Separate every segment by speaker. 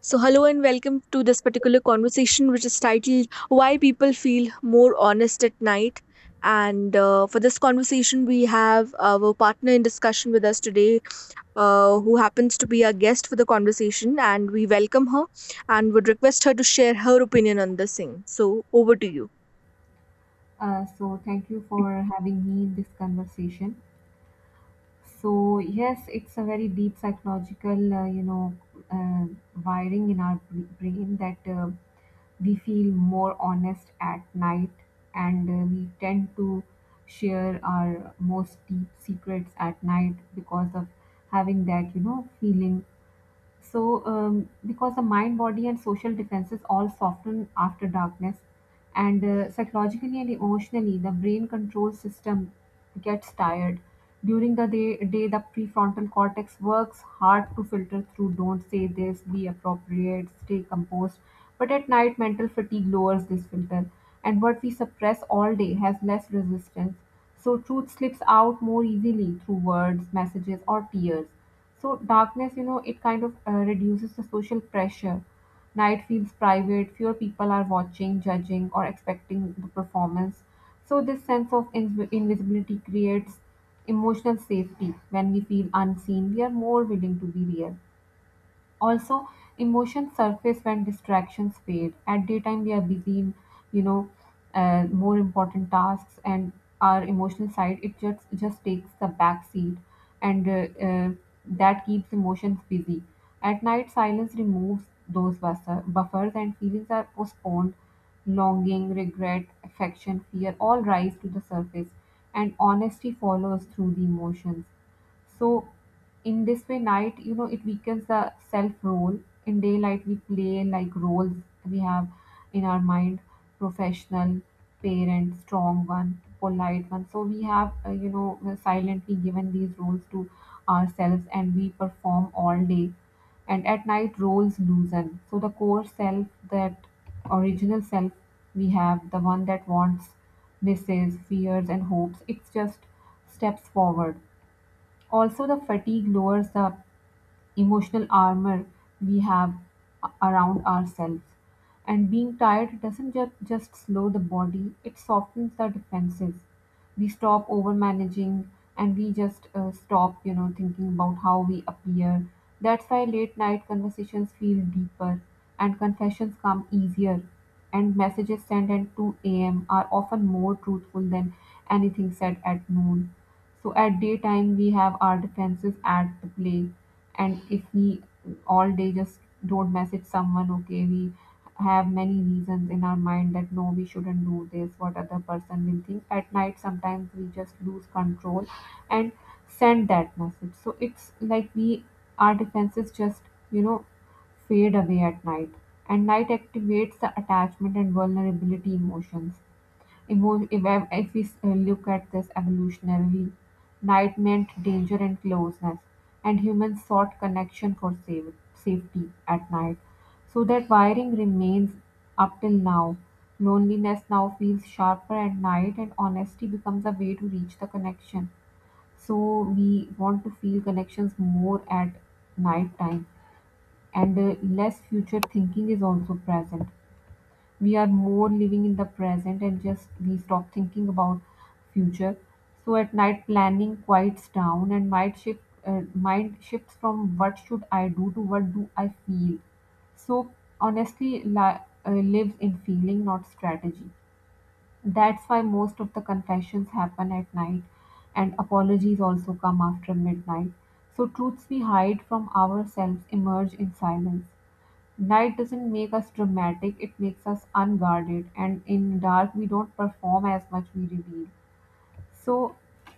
Speaker 1: So, hello and welcome to this particular conversation, which is titled Why People Feel More Honest at Night. And for this conversation, we have our partner in discussion with us today, who happens to be our guest for the conversation. And we welcome her and would request her to share her opinion on the same. So, over to you.
Speaker 2: So, thank you for having me in this conversation. So, yes, it's a very deep psychological, uh, wiring in our brain that we feel more honest at night, and we tend to share our most deep secrets at night because of having that, feeling. So, because the mind, body, and social defenses all soften after darkness, and psychologically and emotionally, the brain control system gets tired. During the day, the prefrontal cortex works hard to filter through don't say this, be appropriate, stay composed. But at night, mental fatigue lowers this filter, and what we suppress all day has less resistance. So, truth slips out more easily through words, messages, or tears. So darkness, it kind of reduces the social pressure. Night feels private, fewer people are watching, judging, or expecting the performance. So this sense of invisibility creates emotional safety. When we feel unseen, we are more willing to be real. Also, emotions surface when distractions fade. At daytime, we are busy in, you know, more important tasks, and our emotional side it just takes the back seat, and that keeps emotions busy. At night, silence removes those buffers, and feelings are postponed. Longing, regret, affection, fear all rise to the surface, and honesty follows through the emotions. So in this way, night, it weakens the self role. In daylight, we play like roles we have in our mind: professional, parent, strong one, polite one. So we have, silently given these roles to ourselves, and we perform all day. And at night, roles loosen. So the core self, that original self we have, the one that wants, misses, fears, and hopes, it just steps forward. Also, the fatigue lowers the emotional armor we have around ourselves. And being tired doesn't just slow the body, it softens the defenses. We stop overmanaging and we just stop, thinking about how we appear. That's why late night conversations feel deeper and confessions come easier. And messages sent at 2 a.m. are often more truthful than anything said at noon. So at daytime we have our defenses at the play, and if we all day just don't message someone, okay, we have many reasons in our mind that no, we shouldn't do this. What other person will think? At night, sometimes we just lose control and send that message. So it's like we our defenses just you know fade away at night, and night activates the attachment and vulnerability emotions. If we look at this evolutionarily, night meant danger and closeness, and humans sought connection for safety at night. So that wiring remains up till now. Loneliness now feels sharper at night, and honesty becomes a way to reach the connection. So we want to feel connections more at night time, and less future thinking is also present. We are more living in the present and just we stop thinking about future. So at night planning quiets down and mind shifts from what should I do to what do I feel. So honestly lives in feeling, not strategy. That's why most of the confessions happen at night and apologies also come after midnight. So truths we hide from ourselves emerge in silence. Night doesn't make us dramatic, it makes us unguarded, and in dark, we don't perform as much, we reveal. So,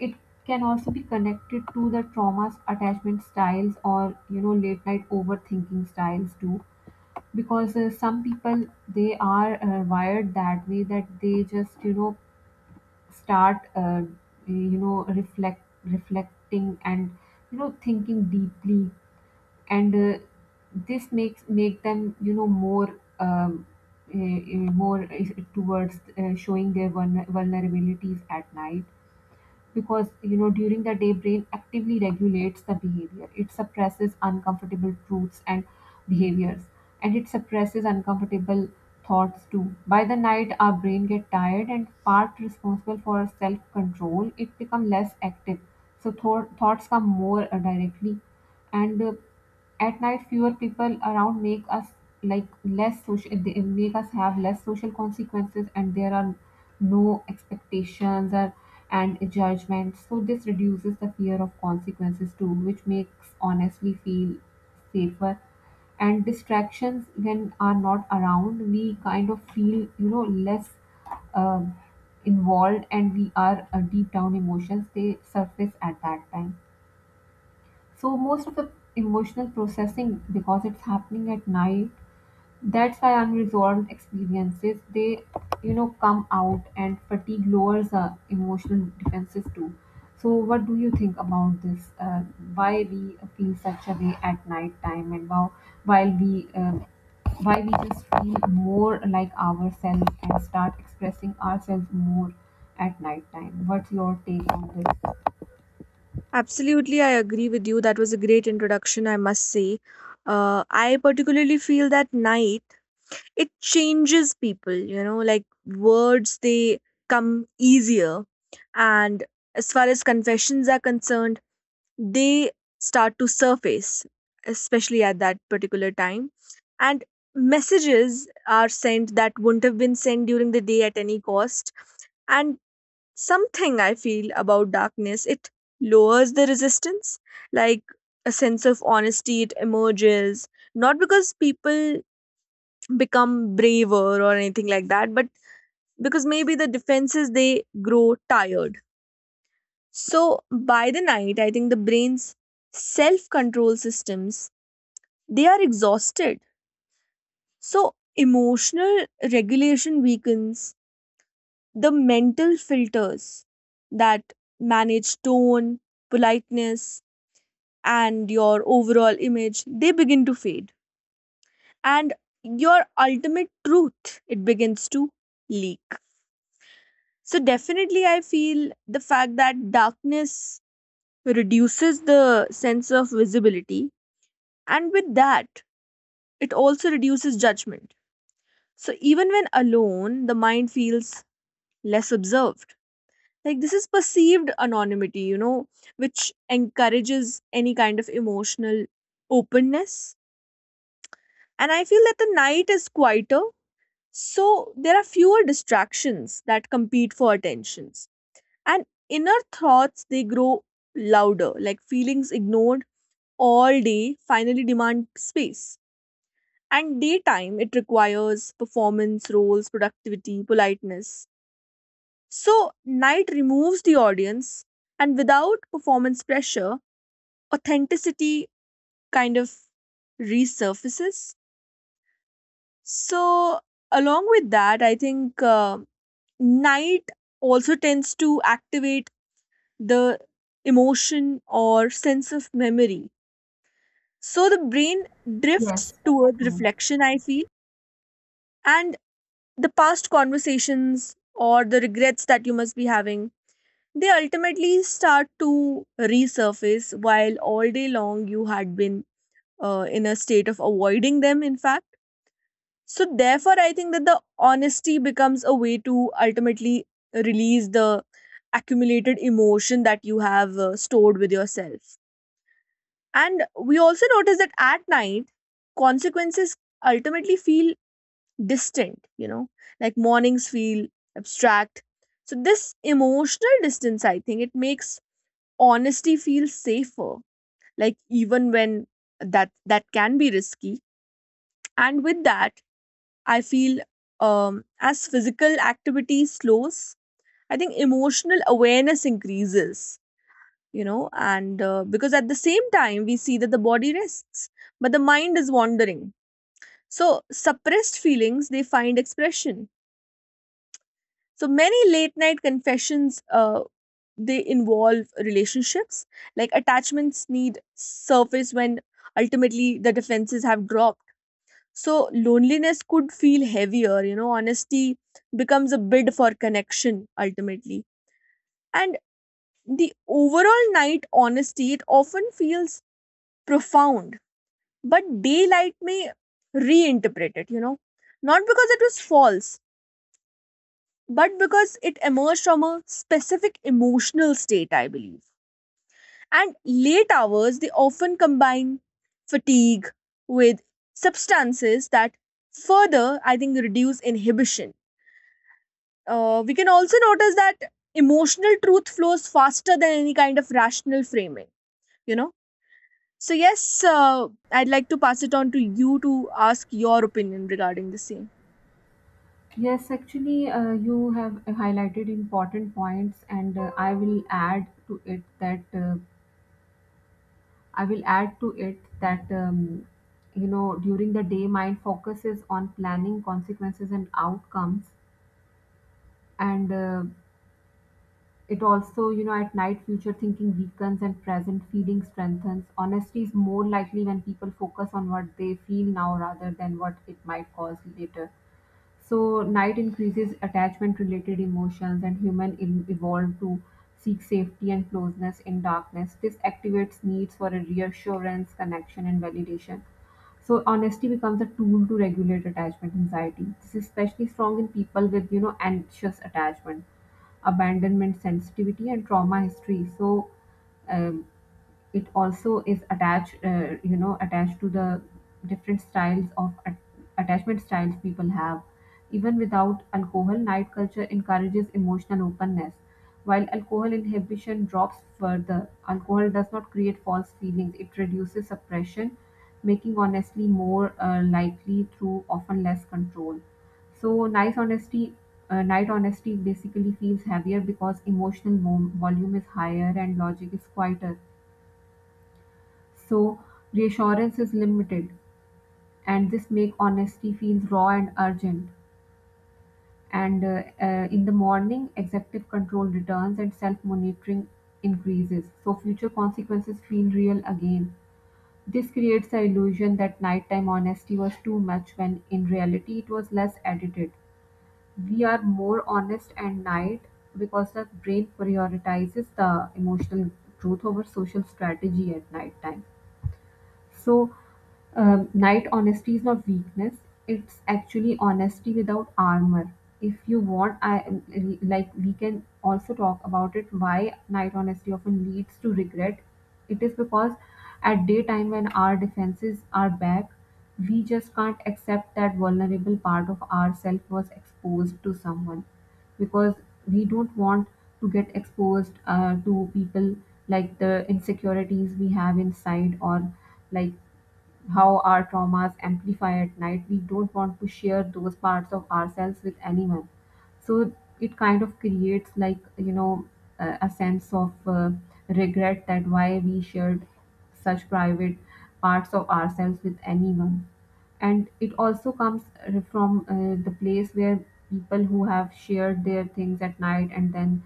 Speaker 2: it can also be connected to the traumas, attachment styles, or late night overthinking styles too. Because some people they are wired that way that they just start reflecting and thinking deeply, and this makes make them more more towards showing their vulnerabilities at night. Because during the day, brain actively regulates the behavior, it suppresses uncomfortable truths and behaviors, and it suppresses uncomfortable thoughts too. By the night our brain get tired and part responsible for self control it become less active. So thoughts come more directly. And at night fewer people around make us like less social, they make us have less social consequences and there are no expectations or and judgments. So this reduces the fear of consequences too which makes honestly feel safer. And distractions when are not around we kind of feel less um, involved, and we are deep down emotions they surface at that time. So most of the emotional processing, because it's happening at night, that's why unresolved experiences they, come out, and fatigue lowers our emotional defenses too. So what do you think about this? Why we feel such a way at night time, and how while we why we just feel more like ourselves and start expressing ourselves more at night time? What's your take on this?
Speaker 1: Absolutely, I agree with you. That was a great introduction, I must say. I particularly feel that night, it changes people, you know, like words, they come easier, and as far as confessions are concerned, they start to surface especially at that particular time, and messages are sent that wouldn't have been sent during the day at any cost. And something I feel about darkness, it lowers the resistance, like a sense of honesty it emerges, not because people become braver or anything like that, but because maybe the defenses they grow tired. So by the night, I think the brain's self control systems, they are exhausted, so emotional regulation weakens, the mental filters that manage tone, politeness, and your overall image, they begin to fade, and your ultimate truth, it begins to leak. So definitely I feel the fact that darkness reduces the sense of visibility, and with that it also reduces judgment. So even when alone the mind feels less observed. Like this is perceived anonymity, you know, which encourages any kind of emotional openness. And I feel that the night is quieter, so there are fewer distractions that compete for attention, and inner thoughts, they grow louder, like feelings ignored all day finally demand space. And daytime it requires performance, roles, productivity, politeness, so night removes the audience, and without performance pressure, authenticity kind of resurfaces. So along with that, I think night also tends to activate the emotion or sense of memory. So the brain drifts
Speaker 2: Yes,
Speaker 1: towards
Speaker 2: true.
Speaker 1: reflection, I feel, and the past conversations or the regrets that you must be having, they ultimately start to resurface, while all day long you had been in a state of avoiding them, in fact. So, therefore, I think that the honesty becomes a way to ultimately release the accumulated emotion that you have stored with yourself. And we also notice that at night, consequences ultimately feel distant, you know, like mornings feel abstract. So, this emotional distance, I think, it makes honesty feel safer, like even when that can be risky. And with that, I feel as physical activity slows, I think emotional awareness increases, you know, and because at the same time we see that the body rests but the mind is wandering, so suppressed feelings they find expression. So many late night confessions, they involve relationships, like attachments need surface when ultimately the defenses have dropped. So loneliness could feel heavier, you know, honesty becomes a bid for connection ultimately. And the overall night honesty, it often feels profound. But daylight may reinterpret it, you know, not because it was false, but because it emerged from a specific emotional state, I believe. And late hours, they often combine fatigue with substances that further, I think, reduce inhibition. We can also notice that emotional truth flows faster than any kind of rational framing, you know. So, yes, I'd like to pass it on to you to ask your opinion regarding the same.
Speaker 2: Yes, actually, you have highlighted important points, and I will add to it that during the day, mind focuses on planning consequences and outcomes, and it also at night, future thinking weakens and present feeling strengthens. Honesty is more likely when people focus on what they feel now rather than what it might cause later. So, night increases attachment related emotions, and human evolved to seek safety and closeness in darkness. This activates needs for a reassurance, connection, and validation. So, honesty becomes a tool to regulate attachment anxiety. This is especially strong in people with, anxious attachment, abandonment sensitivity, and trauma history. So, um it also is attached you know attached to the different styles of attachment styles people have. Even without alcohol, night culture encourages emotional openness, while alcohol inhibition drops further. Alcohol does not create false feelings, it reduces suppression, making honestly more likely through often less control. So nice honesty night honesty basically feels heavier because emotional volume is higher and logic is quieter. So reassurance is limited, and this make honesty feels raw and urgent. And in the morning, executive control returns and self-monitoring increases, so future consequences feel real again. This creates the illusion that nighttime honesty was too much when in reality it was less edited. We are more honest at night because the brain prioritizes the emotional truth over social strategy at nighttime. So, night honesty is not weakness. It's actually honesty without armor. If you want, I like we can also talk about it. Why night honesty often leads to regret? It is because at daytime when our defenses are back, we just can't accept that vulnerable part of ourself was exposed to someone, because we don't want to get exposed to people, like the insecurities we have inside, or like how our traumas amplify at night, we don't want to share those parts of ourselves with anyone. So it kind of creates like a sense of regret that why we shared such private parts of ourselves with anyone. And it also comes from the place where people who have shared their things at night and then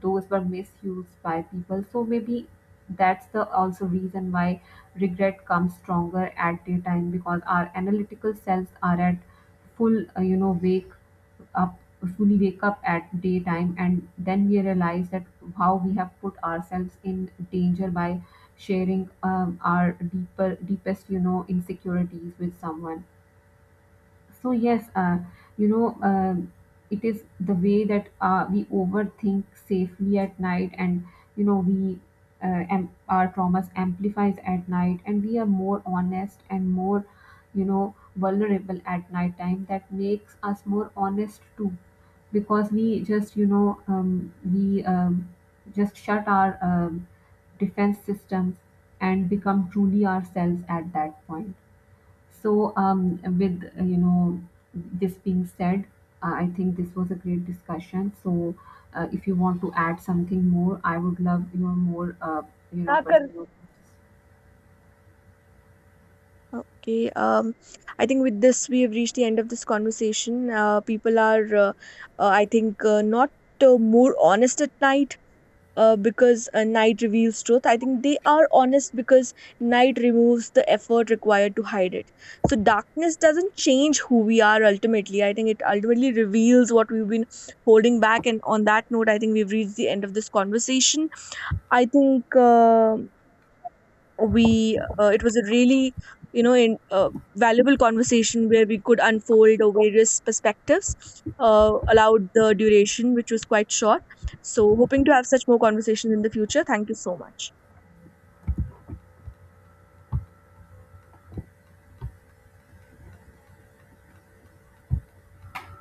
Speaker 2: those were misused by people. So maybe that's the also reason why regret comes stronger at daytime because our analytical selves are at full uh, you know wake up fully wake up at daytime. And then we realize that how we have put ourselves in danger by sharing our deeper deepest you know insecurities with someone. So yes, you know, um it is the way that we overthink safely at night, and we our traumas amplifies at night, and we are more honest and more, vulnerable at night time. That makes us more honest too, because we just shut our defense systems and become truly ourselves at that point. So, with this being said, I think this was a great discussion. So, if you want to add something more, I would love your more
Speaker 1: क्या कर
Speaker 2: perspectives.
Speaker 1: okay, I think with this we have reached the end of this conversation. People are, I think, not more honest at night, because night reveals truth. I think they are honest because night removes the effort required to hide it. So darkness doesn't change who we are ultimately. I think it ultimately reveals what we've been holding back. And on that note, I think we've reached the end of this conversation, I think. We it was a really, you know, valuable conversation where we could unfold our various perspectives, allowed the duration which was quite short. So hoping to have such more conversations in the future. Thank you so much.